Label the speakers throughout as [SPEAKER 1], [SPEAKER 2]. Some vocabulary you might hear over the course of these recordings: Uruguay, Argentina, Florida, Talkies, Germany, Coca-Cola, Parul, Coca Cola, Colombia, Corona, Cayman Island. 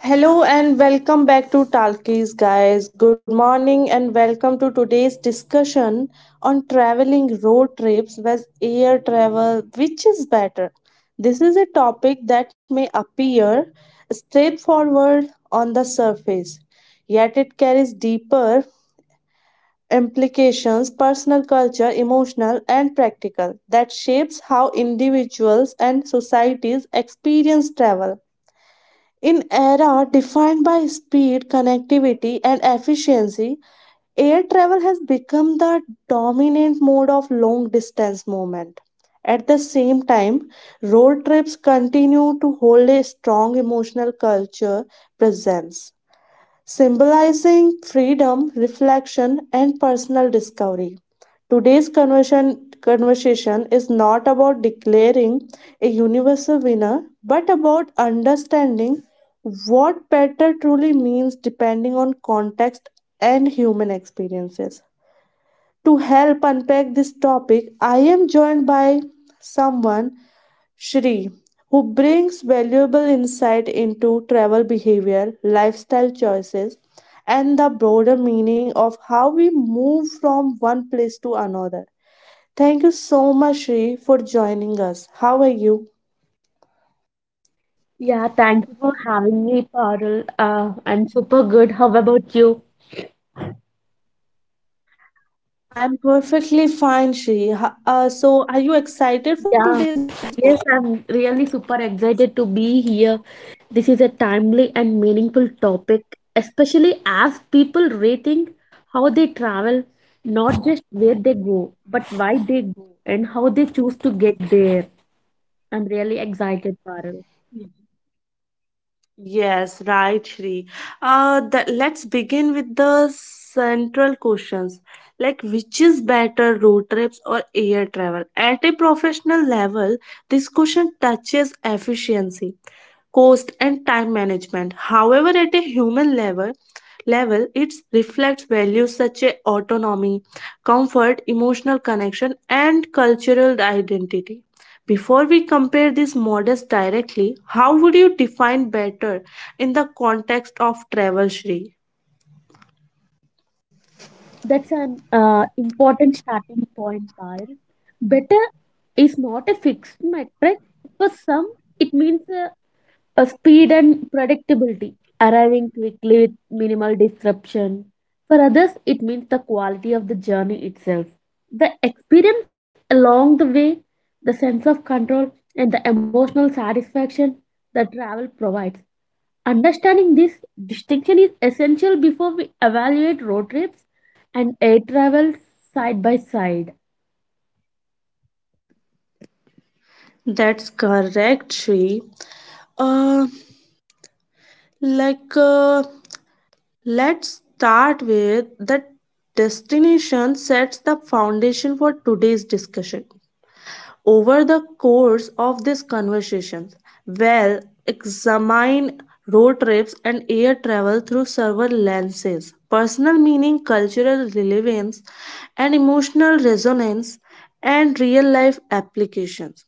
[SPEAKER 1] Hello and welcome back to Talkies, guys. Good morning and welcome to today's discussion on traveling road trips versus air travel. Which is better? This is a topic that may appear straightforward on the surface, yet it carries deeper implications personal, culture, emotional, and practical that shapes how individuals and societies experience travel. In era defined by speed, connectivity, and efficiency, air travel has become the dominant mode of long distance movement. At the same time, road trips continue to hold a strong emotional culture presence symbolizing freedom, reflection, and personal discovery. Today's conversation is not about declaring a universal winner, but about understanding what better truly means depending on context and human experiences. To help unpack this topic, I am joined by someone, Shri, who brings valuable insight into travel behavior, lifestyle choices, and the broader meaning of how we move from one place to another. Thank you so much, Shri, for joining us. How are you?
[SPEAKER 2] Yeah, thank you for having me, Parul. I'm super good. How about you?
[SPEAKER 1] I'm perfectly fine, Shri. So, are you excited for
[SPEAKER 2] Yeah,
[SPEAKER 1] today's episode?
[SPEAKER 2] yes, I'm really super excited to be here. This is a timely and meaningful topic, especially as people rethink how they travel, not just where they go, but why they go and how they choose to get there. I'm really excited, Parul.
[SPEAKER 1] Yes, right, Shri. Let's begin with the central questions like which is better, road trips or air travel? At a professional level, this question touches efficiency cost and time management. However, at a human level, it reflects values such as autonomy, comfort, emotional connection, and cultural identity. Before we compare these models directly, how would you define better in the context of travel, Shri?
[SPEAKER 2] That's an important starting point, Parul. Better is not a fixed metric. For some, it means a speed and predictability, arriving quickly with minimal disruption. For others, it means the quality of the journey itself, the experience along the way, the sense of control, and the emotional satisfaction that travel provides. Understanding this distinction is essential before we evaluate road trips and air travel side by side.
[SPEAKER 1] That's correct, Shri. Uh, like. Uh, Let's start with the destination sets the foundation for today's discussion. Over the course of this conversation, we'll examine road trips and air travel through several lenses personal meaning, cultural relevance, and emotional resonance, and real life applications.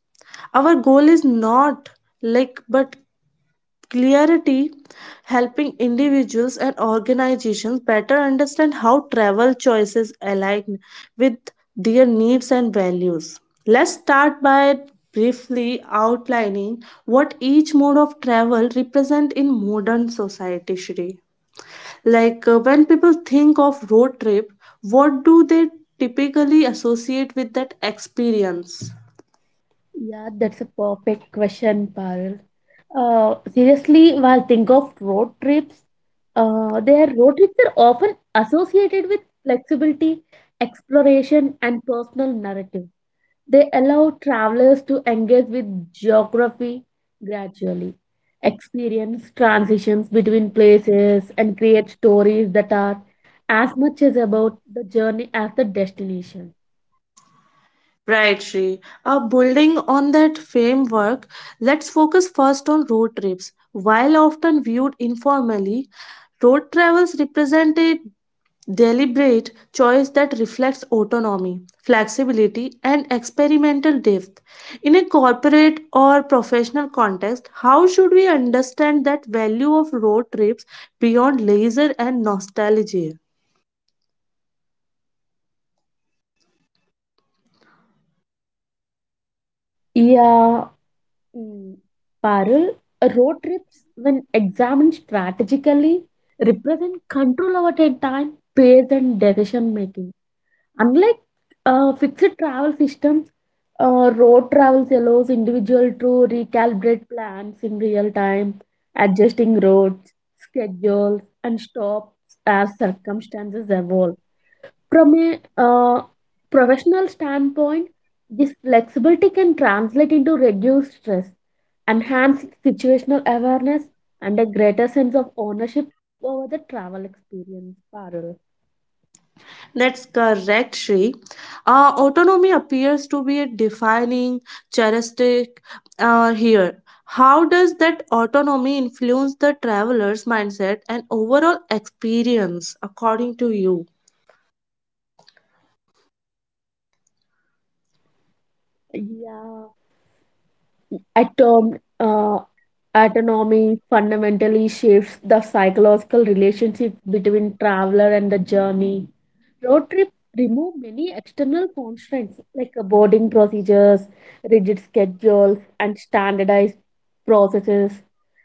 [SPEAKER 1] Our goal is not like but clarity, helping individuals and organizations better understand how travel choices align with their needs and values. Let's start by briefly outlining what each mode of travel represent in modern society Shri. Like when people think of road trip, what do they typically associate with that experience?
[SPEAKER 2] Yeah, that's a perfect question, Parul. Seriously, while think of road trips, their road trips are often associated with flexibility, exploration, and personal narrative. They allow travelers to engage with geography gradually, experience transitions between places, and create stories that are as much as about the journey as the destination.
[SPEAKER 1] Right, Shri. Building on that framework, let's focus first on road trips. While often viewed informally, road travels represent a deliberate choice that reflects autonomy, flexibility, and experimental depth. In a corporate or professional context, how should we understand that value of road trips beyond leisure and nostalgia?
[SPEAKER 2] Yeah. Mm. Parul, road trips, when examined strategically, represent control over their time, pace, and decision making. Unlike fixed travel systems, road travels allows individual to recalibrate plans in real time, adjusting routes, schedules, and stops as circumstances evolve from a professional standpoint. This flexibility can translate into reduced stress, enhanced situational awareness, and a greater sense of ownership over the travel experience, Parul.
[SPEAKER 1] That's correct, Shri. Autonomy appears to be a defining characteristic here. How does that autonomy influence the traveler's mindset and overall experience, according to you?
[SPEAKER 2] Yeah, I termed, autonomy fundamentally shifts the psychological relationship between traveler and the journey. Road trips remove many external constraints like boarding procedures, rigid schedules, and standardized processes.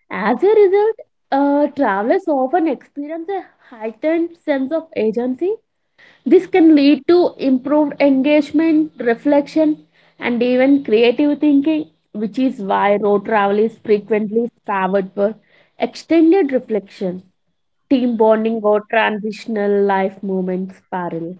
[SPEAKER 2] As a result, travelers often experience a heightened sense of agency. This can lead to improved engagement, reflection, and even creative thinking, which is why road travel is frequently favored for extended reflection, team bonding, or transitional life moments parallel.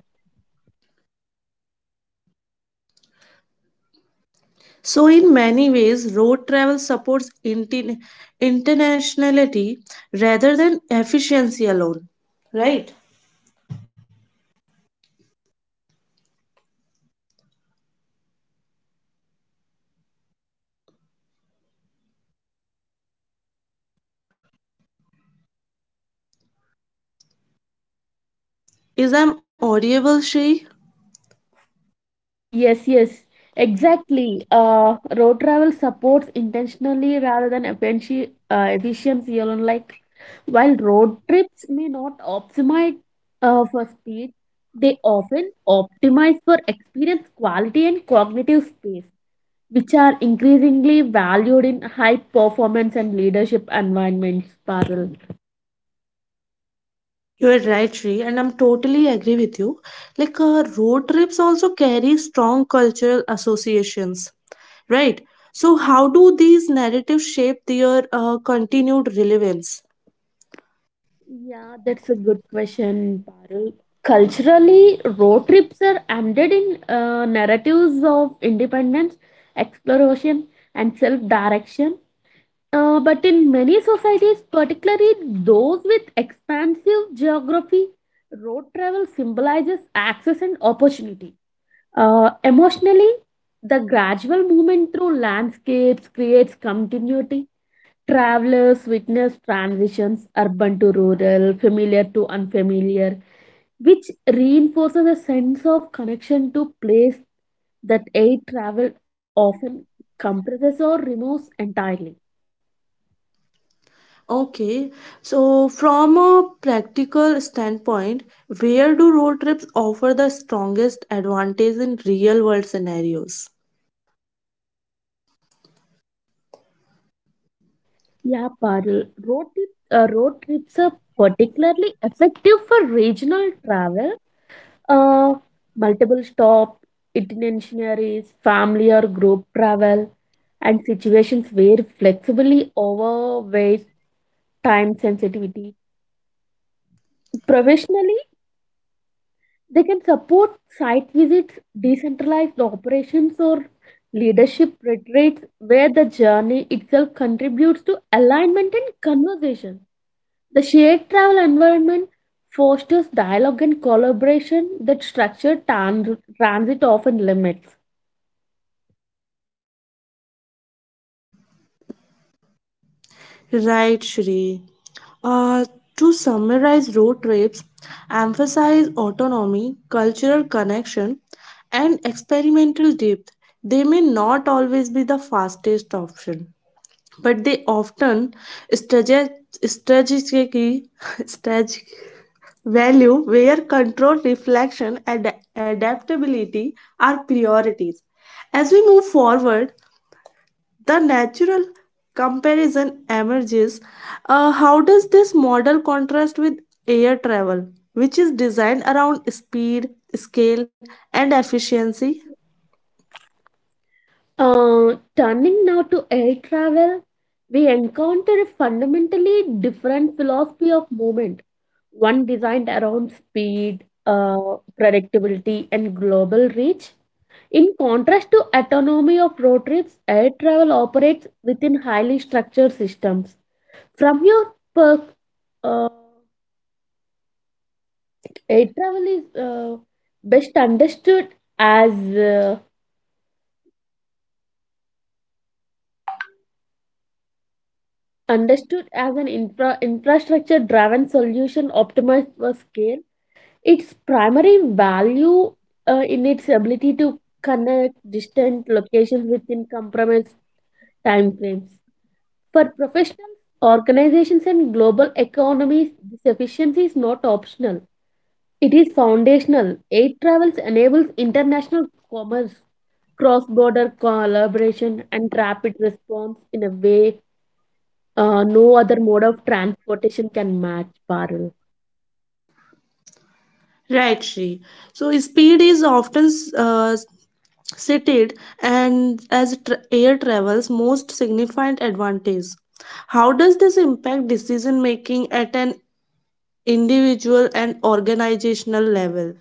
[SPEAKER 1] So, in many ways, road travel supports internationality rather than efficiency alone, right? Is I'm audible, Shri?
[SPEAKER 2] Yes, exactly. Road travel supports intentionally rather than efficiency alone. Like, while road trips may not optimize for speed, they often optimize for experience quality and cognitive space, which are increasingly valued in high performance and leadership environments, Parul.
[SPEAKER 1] You're right, Shri, and I'm totally agree with you. Like, road trips also carry strong cultural associations, right? So, how do these narratives shape their continued relevance?
[SPEAKER 2] Yeah, that's a good question, Parul. Culturally, road trips are embedded in narratives of independence, exploration, and self-direction. But in many societies, particularly those with expansive geography, road travel symbolizes access and opportunity. Emotionally, the gradual movement through landscapes creates continuity. Travelers witness transitions urban to rural, familiar to unfamiliar, which reinforces a sense of connection to place that air travel often compresses or removes entirely.
[SPEAKER 1] Okay, so from a practical standpoint, where do road trips offer the strongest advantage in real world scenarios?
[SPEAKER 2] Parul, road trips are particularly effective for regional travel. Uh, Multiple stop, itineraries, family or group travel, and situations where flexibly overweight time sensitivity. Professionally, they can support site visits, decentralized operations, or leadership retreats where the journey itself contributes to alignment and conversation. The shared travel environment fosters dialogue and collaboration that transit often limits.
[SPEAKER 1] Right, Shri. Uh, to summarize road trips, emphasize autonomy, cultural connection, and experimental depth. They may not always be the fastest option, but they often strate- strategically strategic value where control, reflection, and adaptability are priorities. As we move forward, the natural comparison emerges. How does this model contrast with air travel, which is designed around speed, scale, and efficiency?
[SPEAKER 2] Turning now to air travel, we encounter a fundamentally different philosophy of movement, one designed around speed, predictability, and global reach. In contrast to autonomy of road trips, air travel operates within highly structured systems. From your perk, uh, air travel is best as uh, understood as an infrastructure driven solution optimized for scale. Its primary value in its ability to connect distant locations within compromised time frames. For professionals, organizations, and global economies, this efficiency is not optional. It is foundational. Air travels enables international commerce, cross-border collaboration, and rapid response in a way no other mode of transportation can match, Parul.
[SPEAKER 1] Right, Shri. So, speed is often uh, cited and as air travel's most significant advantage. How does this impact decision making at an individual and organizational level?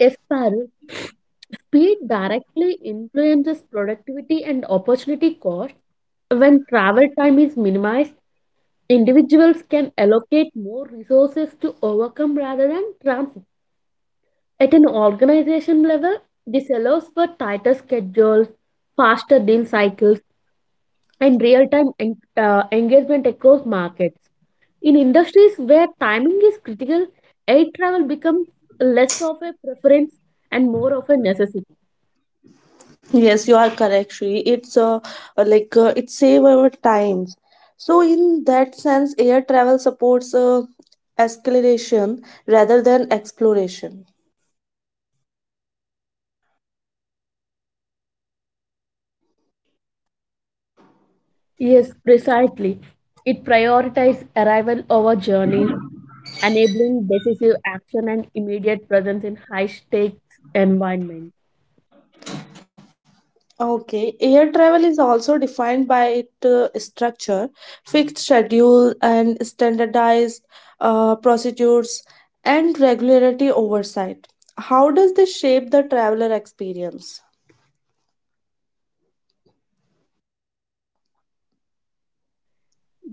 [SPEAKER 2] Yes, Parul. Speed directly influences productivity and opportunity cost. When travel time is minimized, individuals can allocate more resources to overcome rather than transit. At an organization level, this allows for tighter schedules, faster deal cycles, and real time engagement across markets. In industries where timing is critical, air travel becomes less of a preference and more of a necessity.
[SPEAKER 1] Yes, you are correct, Shri. It save our times. So in that sense, air travel supports acceleration rather than exploration.
[SPEAKER 2] Yes, precisely. It prioritizes arrival over journey, enabling decisive action and immediate presence in high-stakes environment.
[SPEAKER 1] Okay, air travel is also defined by its structure, fixed schedule, and standardized procedures and regularity oversight. How does this shape the traveler experience?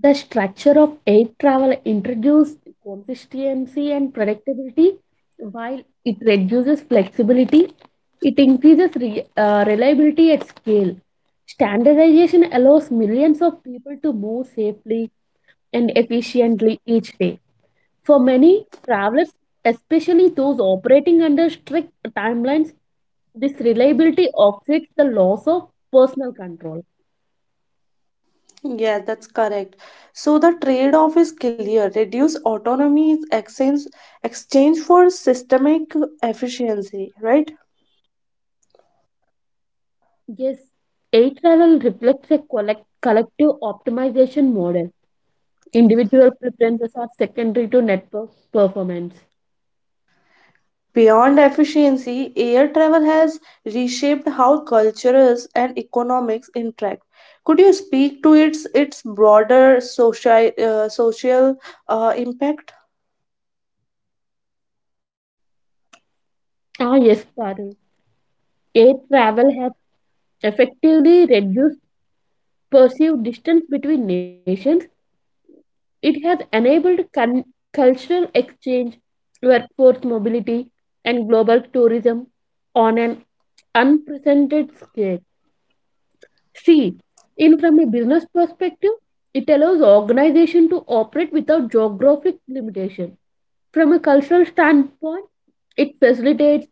[SPEAKER 2] The structure of air travel introduces consistency and predictability, while it reduces flexibility. It increases reliability at scale. Standardization allows millions of people to move safely and efficiently each day. For many travelers, especially those operating under strict timelines, this reliability offsets the loss of personal control.
[SPEAKER 1] Yeah, that's correct. So the trade-off is clear. Reduce autonomy is exchange for systemic efficiency, right?
[SPEAKER 2] Yes, air travel reflects a collective optimization model. Individual preferences are secondary to network performance.
[SPEAKER 1] Beyond efficiency, air travel has reshaped how cultures and economics interact. Could you speak to its broader social social impact?
[SPEAKER 2] Ah, yes, Parul. Air travel has effectively reduced perceived distance between nations. It has enabled cultural exchange, workforce mobility, and global tourism on an unprecedented scale. See, in from a business perspective, it allows organization to operate without geographic limitation. From a cultural standpoint, it facilitates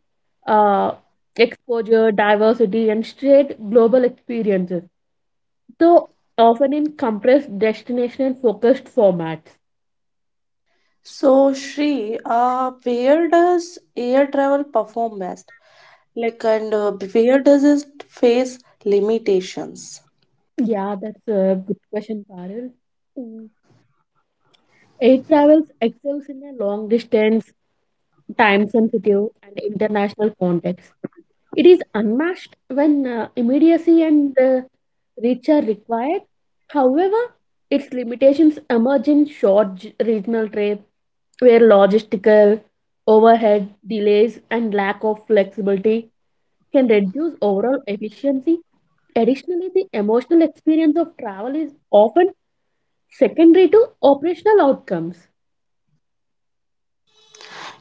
[SPEAKER 2] uh, exposure, diversity, and shared global experiences, though often in compressed destination-focused formats.
[SPEAKER 1] So, Shri, where does air travel perform best? Like, and where does it face limitations?
[SPEAKER 2] Yeah, that's a good question, Parul. Mm. Air travels excels in a long distance, time sensitive, and international context. It is unmatched when immediacy and reach are required. However, its limitations emerge in regional trade, where logistical overhead, delays, and lack of flexibility can reduce overall efficiency. Additionally, the emotional experience of travel is often secondary to operational outcomes.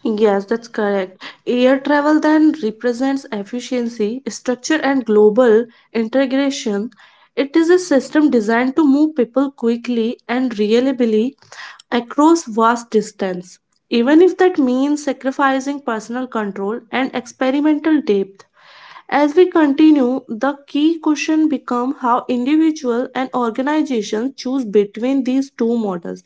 [SPEAKER 1] Yes, that's correct. Air travel then represents efficiency, structure, and global integration. It is a system designed to move people quickly and reliably across vast distance, even if that means sacrificing personal control and experimental depth. As we continue, the key question becomes how individuals and organizations choose between these two models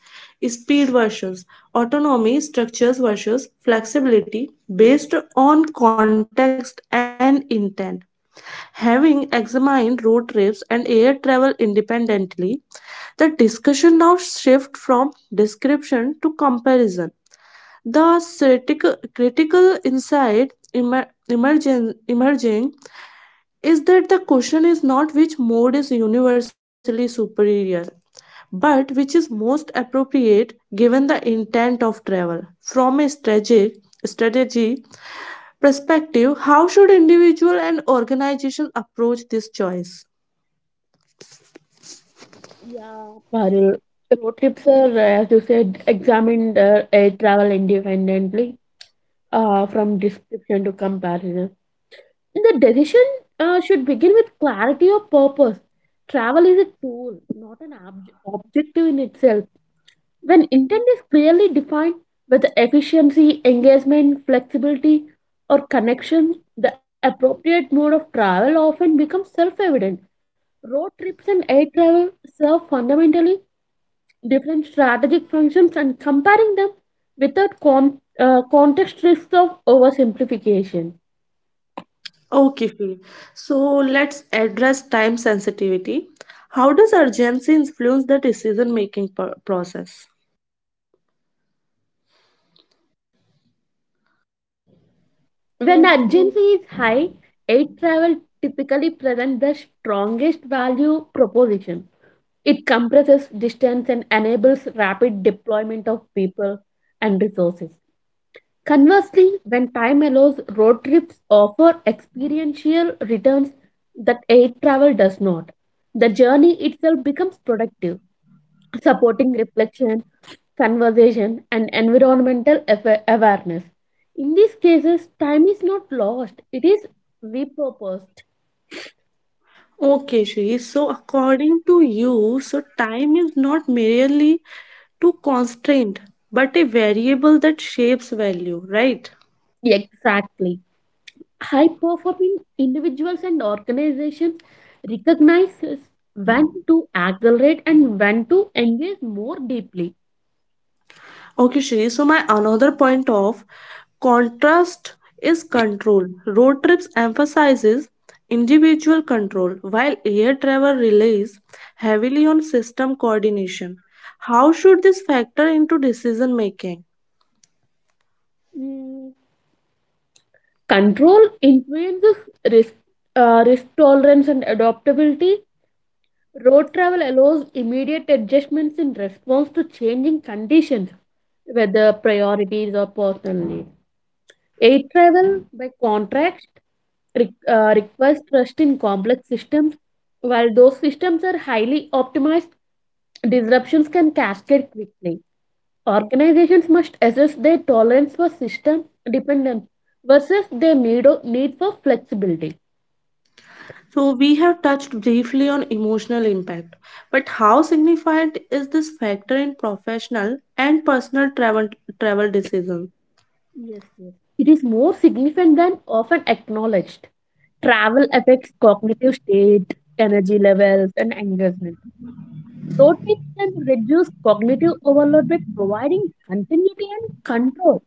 [SPEAKER 1] speed versus autonomy, structures versus flexibility based on context and intent. Having examined road trips and air travel independently, the discussion now shifts from description to comparison. The critical insight emerging is that the question is not which mode is universally superior, but which is most appropriate given the intent of travel. From a strategy perspective, how should individual and organization approach this choice?
[SPEAKER 2] Yeah, Parul. Road trips are, as you said, examined air travel independently, from description to comparison. The decision should begin with clarity of purpose. Travel is a tool, not an objective in itself. When intent is clearly defined with efficiency, engagement, flexibility, or connection, the appropriate mode of travel often becomes self evident. Road trips and air travel serve fundamentally different strategic functions, and comparing them without context risks of oversimplification.
[SPEAKER 1] Okay, Fi. So let's address time sensitivity. How does urgency influence the decision making process?
[SPEAKER 2] When urgency is high, air travel typically presents the strongest value proposition. It compresses distance and enables rapid deployment of people and resources. Conversely, when time allows, road trips offer experiential returns that air travel does not. The journey itself becomes productive, supporting reflection, conversation, and environmental awareness. In these cases, time is not lost, it is repurposed.
[SPEAKER 1] Okay, Shri. So, according to you, so time is not merely to constraint, but a variable that shapes value, right?
[SPEAKER 2] Exactly. High performing individuals and organizations recognizes when to accelerate and when to engage more deeply.
[SPEAKER 1] Okay, Shri. So, my another point of contrast is control. Road trips emphasizes individual control, while air travel relies heavily on system coordination. How should this factor into decision making?
[SPEAKER 2] Control influences risk, risk tolerance and adaptability. Road travel allows immediate adjustments in response to changing conditions, whether priorities or personal needs. Air travel, by contrast, requires trust in complex systems. While those systems are highly optimized, disruptions can cascade quickly. Organizations must assess their tolerance for system dependence versus their need for flexibility.
[SPEAKER 1] So, we have touched briefly on emotional impact, but how significant is this factor in professional and personal travel decisions?
[SPEAKER 2] Yes. It is more significant than often acknowledged. Travel affects cognitive state, energy levels, and engagement. Road trips can reduce cognitive overload by providing continuity and control,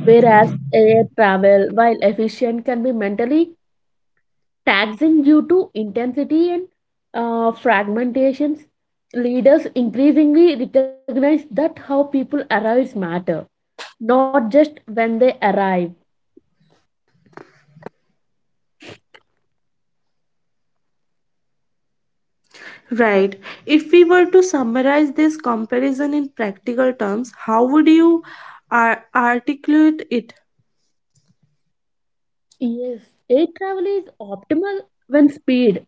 [SPEAKER 2] whereas air travel, while efficient, can be mentally taxing due to intensity and fragmentations. Leaders increasingly recognize that how people arrive matter, not just when they arrive.
[SPEAKER 1] Right. If we were to summarize this comparison in practical terms, how would you articulate it?
[SPEAKER 2] Yes, air travel is optimal when speed,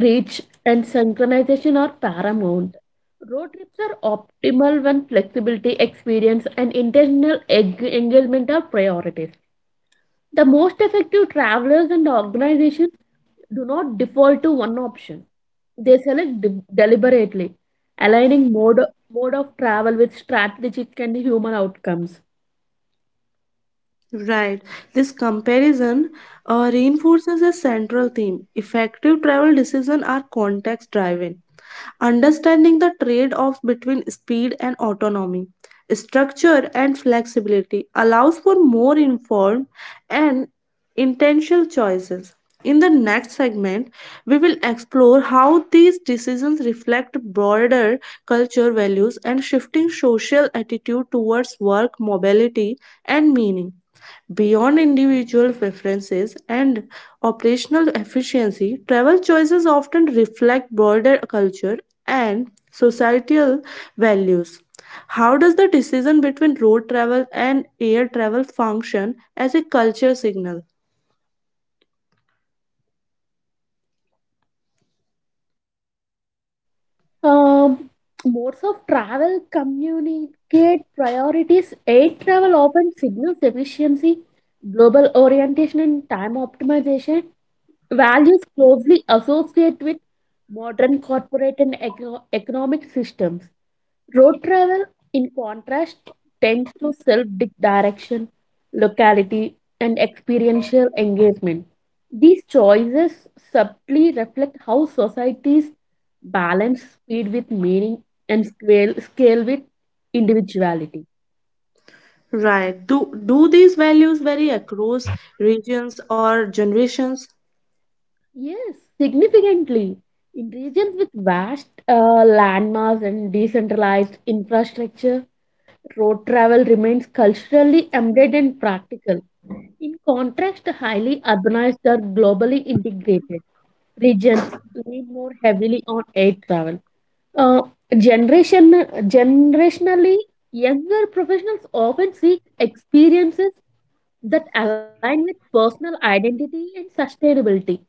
[SPEAKER 2] reach, and synchronization are paramount. Road trips are optimal when flexibility, experience, and intentional engagement are priorities. The most effective travelers and organizations do not default to one option. They select deliberately, aligning mode of travel with strategic and human outcomes.
[SPEAKER 1] Right. This comparison reinforces a central theme. Effective travel decisions are context driven, understanding the trade offs between speed and autonomy. Structure and flexibility allows for more informed and intentional choices. In the next segment, we will explore how these decisions reflect broader culture values and shifting social attitude towards work, mobility, and meaning. Beyond individual preferences and operational efficiency, travel choices often reflect broader culture and societal values. How does the decision between road travel and air travel function as a culture signal?
[SPEAKER 2] Um, Modes of travel communicate priorities. Air travel often signals efficiency, global orientation, and time optimization. Values closely associate with modern corporate and economic systems. Road travel, in contrast, tends to self direction, locality, and experiential engagement. These choices subtly reflect how societies balance speed with meaning and scale with individuality.
[SPEAKER 1] Right. Do these values vary across regions or generations?
[SPEAKER 2] Yes, significantly. In regions with vast landmass and decentralized infrastructure, road travel remains culturally embedded and practical. In contrast, highly urbanized or globally integrated regions lean more heavily on air travel. Uh, generation, Generationally, younger professionals often seek experiences that align with personal identity and sustainability,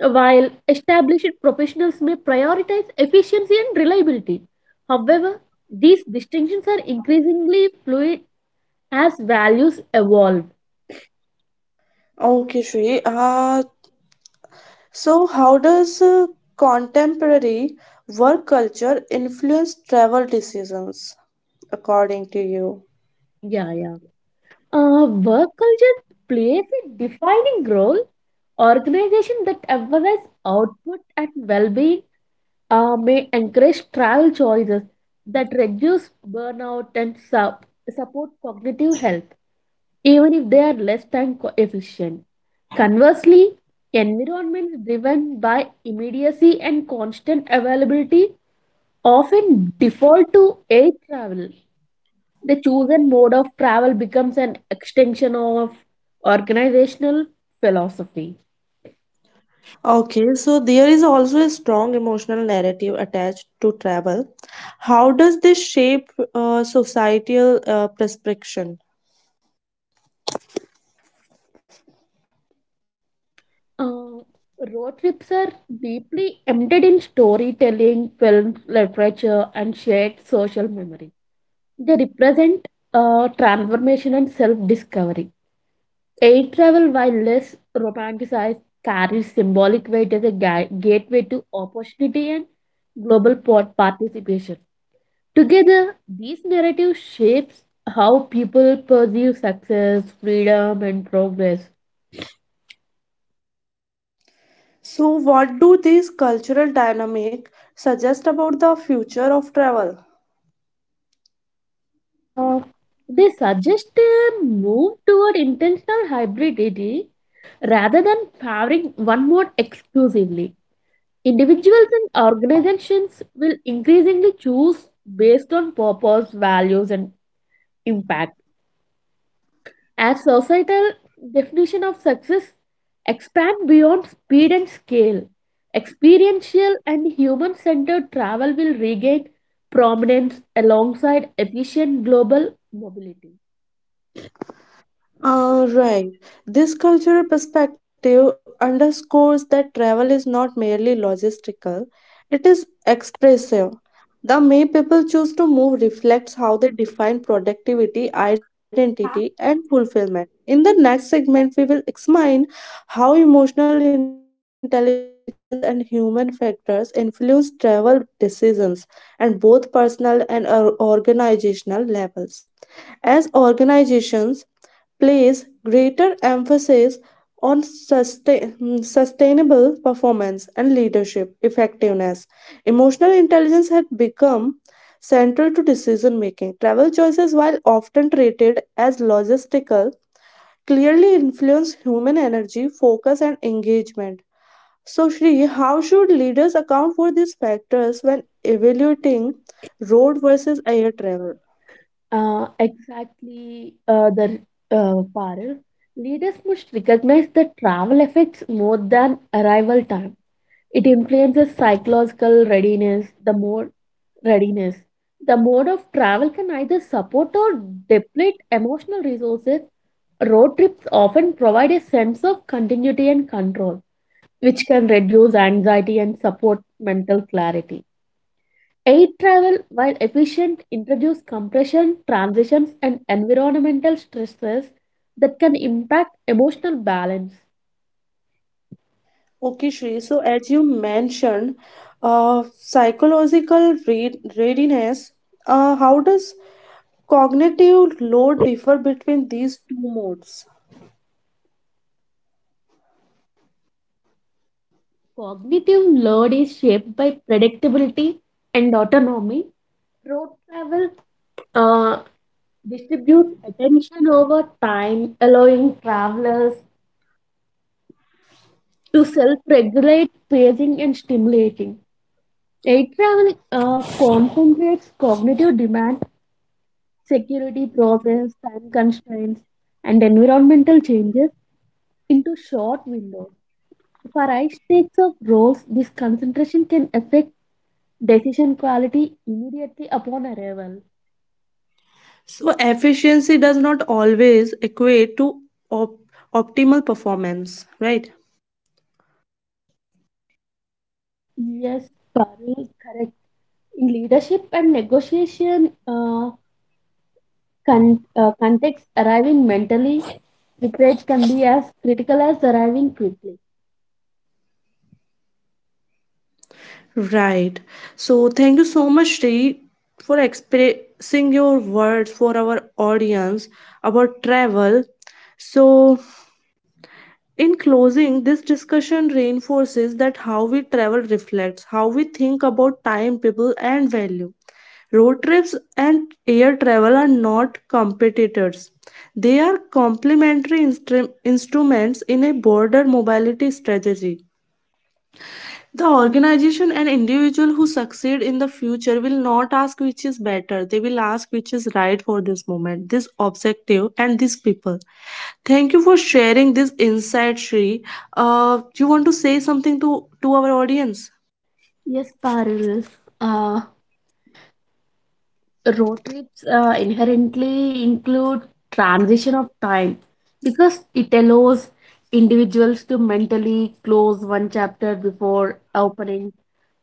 [SPEAKER 2] while established professionals may prioritize efficiency and reliability. However, these distinctions are increasingly fluid as values evolve.
[SPEAKER 1] Okay, Shri. So, how does contemporary work culture influence travel decisions, according to you?
[SPEAKER 2] Yeah. Work culture plays a defining role. Organizations that emphasize output and well-being may encourage travel choices that reduce burnout and support cognitive health, even if they are less efficient. Conversely, environments driven by immediacy and constant availability often default to air travel. The chosen mode of travel becomes an extension of organizational philosophy.
[SPEAKER 1] Okay, so there is also a strong emotional narrative attached to travel. How does this shape societal prescription?
[SPEAKER 2] Uh, Road trips are deeply embedded in storytelling, film, literature, and shared social memory. They represent transformation and self discovery. Air travel, while less romanticized, carries symbolic weight as a gateway to opportunity and participation. Together, these narratives shapes how people perceive success, freedom, and progress.
[SPEAKER 1] So, what do these cultural dynamic suggest about the future of travel?
[SPEAKER 2] Uh, they suggest a move toward intentional hybridity rather than favoring one mode exclusively. Individuals and organizations will increasingly choose based on purpose, values, and impact. As societal definition of success expand beyond speed and scale, experiential and human-centered travel will regain prominence alongside efficient global mobility.
[SPEAKER 1] Right. This cultural perspective underscores that travel is not merely logistical, it is expressive. The way people choose to move reflects how they define productivity, identity, and fulfillment. In the next segment, we will examine how emotional intelligence and human factors influence travel decisions at both personal and organizational levels. As organizations, place greater emphasis on sustainable performance and leadership effectiveness. Emotional intelligence had become central to decision making. Travel choices, while often treated as logistical, clearly influence human energy, focus, and engagement. So, Shri, how should leaders account for these factors when evaluating road versus air travel?
[SPEAKER 2] Exactly, the Parul. Leaders must recognize that travel affects more than arrival time. It influences psychological readiness. The mode of travel can either support or deplete emotional resources. Road trips often provide a sense of continuity and control, which can reduce anxiety and support mental clarity. Air travel, while efficient, introduces compression, transitions, and environmental stresses that can impact emotional balance.
[SPEAKER 1] Okay, Shri. So, as you mentioned, psychological readiness, how does cognitive load differ between these two modes?
[SPEAKER 2] Cognitive load is shaped by predictability and autonomy. Road travel uh, distributes attention over time, allowing travelers to self regulate pacing and stimulating. Air travel concentrates cognitive demand, security process, time constraints, and environmental changes into short windows. For high stakes of roles, this concentration can affect decision quality immediately upon arrival.
[SPEAKER 1] So, efficiency does not always equate to op- optimal performance, right?
[SPEAKER 2] Yes, Parul, correct. In leadership and negotiation context, arriving mentally prepared can be as critical as arriving quickly.
[SPEAKER 1] Right. So, thank you so much, Shri, for expressing your words for our audience about travel. So, in closing, this discussion reinforces that how we travel reflects how we think about time, people, and value. Road trips and air travel are not competitors. They are complementary instruments in a broader mobility strategy. The organization and individual who succeed in the future will not ask which is better, they will ask which is right for this moment, this objective, and these people. Thank you for sharing this insight, Shri. Do you want to say something to our audience?
[SPEAKER 2] Yes, Parul. Uh, Road trips inherently include transition of time because it allows individuals to mentally close one chapter before opening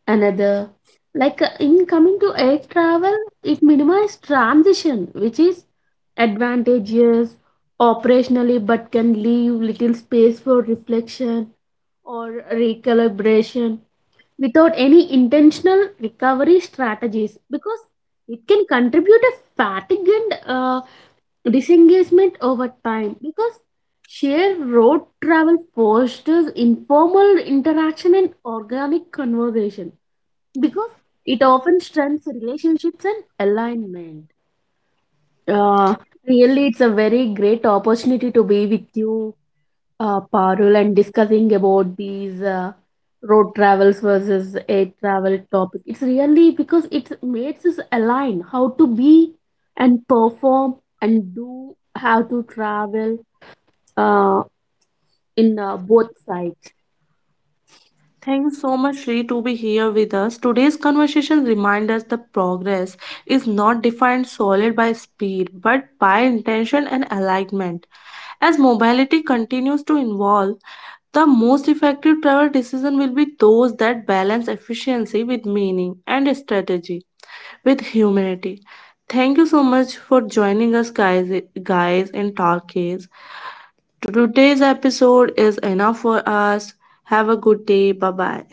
[SPEAKER 2] another, like in coming to air travel it minimizes transition, which is advantageous operationally but can leave little space for reflection or recalibration without any intentional recovery strategies, because it can contribute a fatigue and disengagement over time, because shared road travel fosters informal interaction and organic conversation, because it often strengthens relationships and alignment. Uh, Really, it's a very great opportunity to be with you, Parul, and discussing about these road travels versus air travel topic. It's really because it makes us align how to be and perform and do how to travel uh, in both sides.
[SPEAKER 1] Thanks so much, Sri, to be here with us. Today's conversation reminds us the progress is not defined solely by speed, but by intention and alignment. As mobility continues to evolve, the most effective travel decision will be those that balance efficiency with meaning and strategy with humanity. Thank you so much for joining us, guys. Guys, in Talkies. Today's episode is enough for us. Have a good day. Bye bye.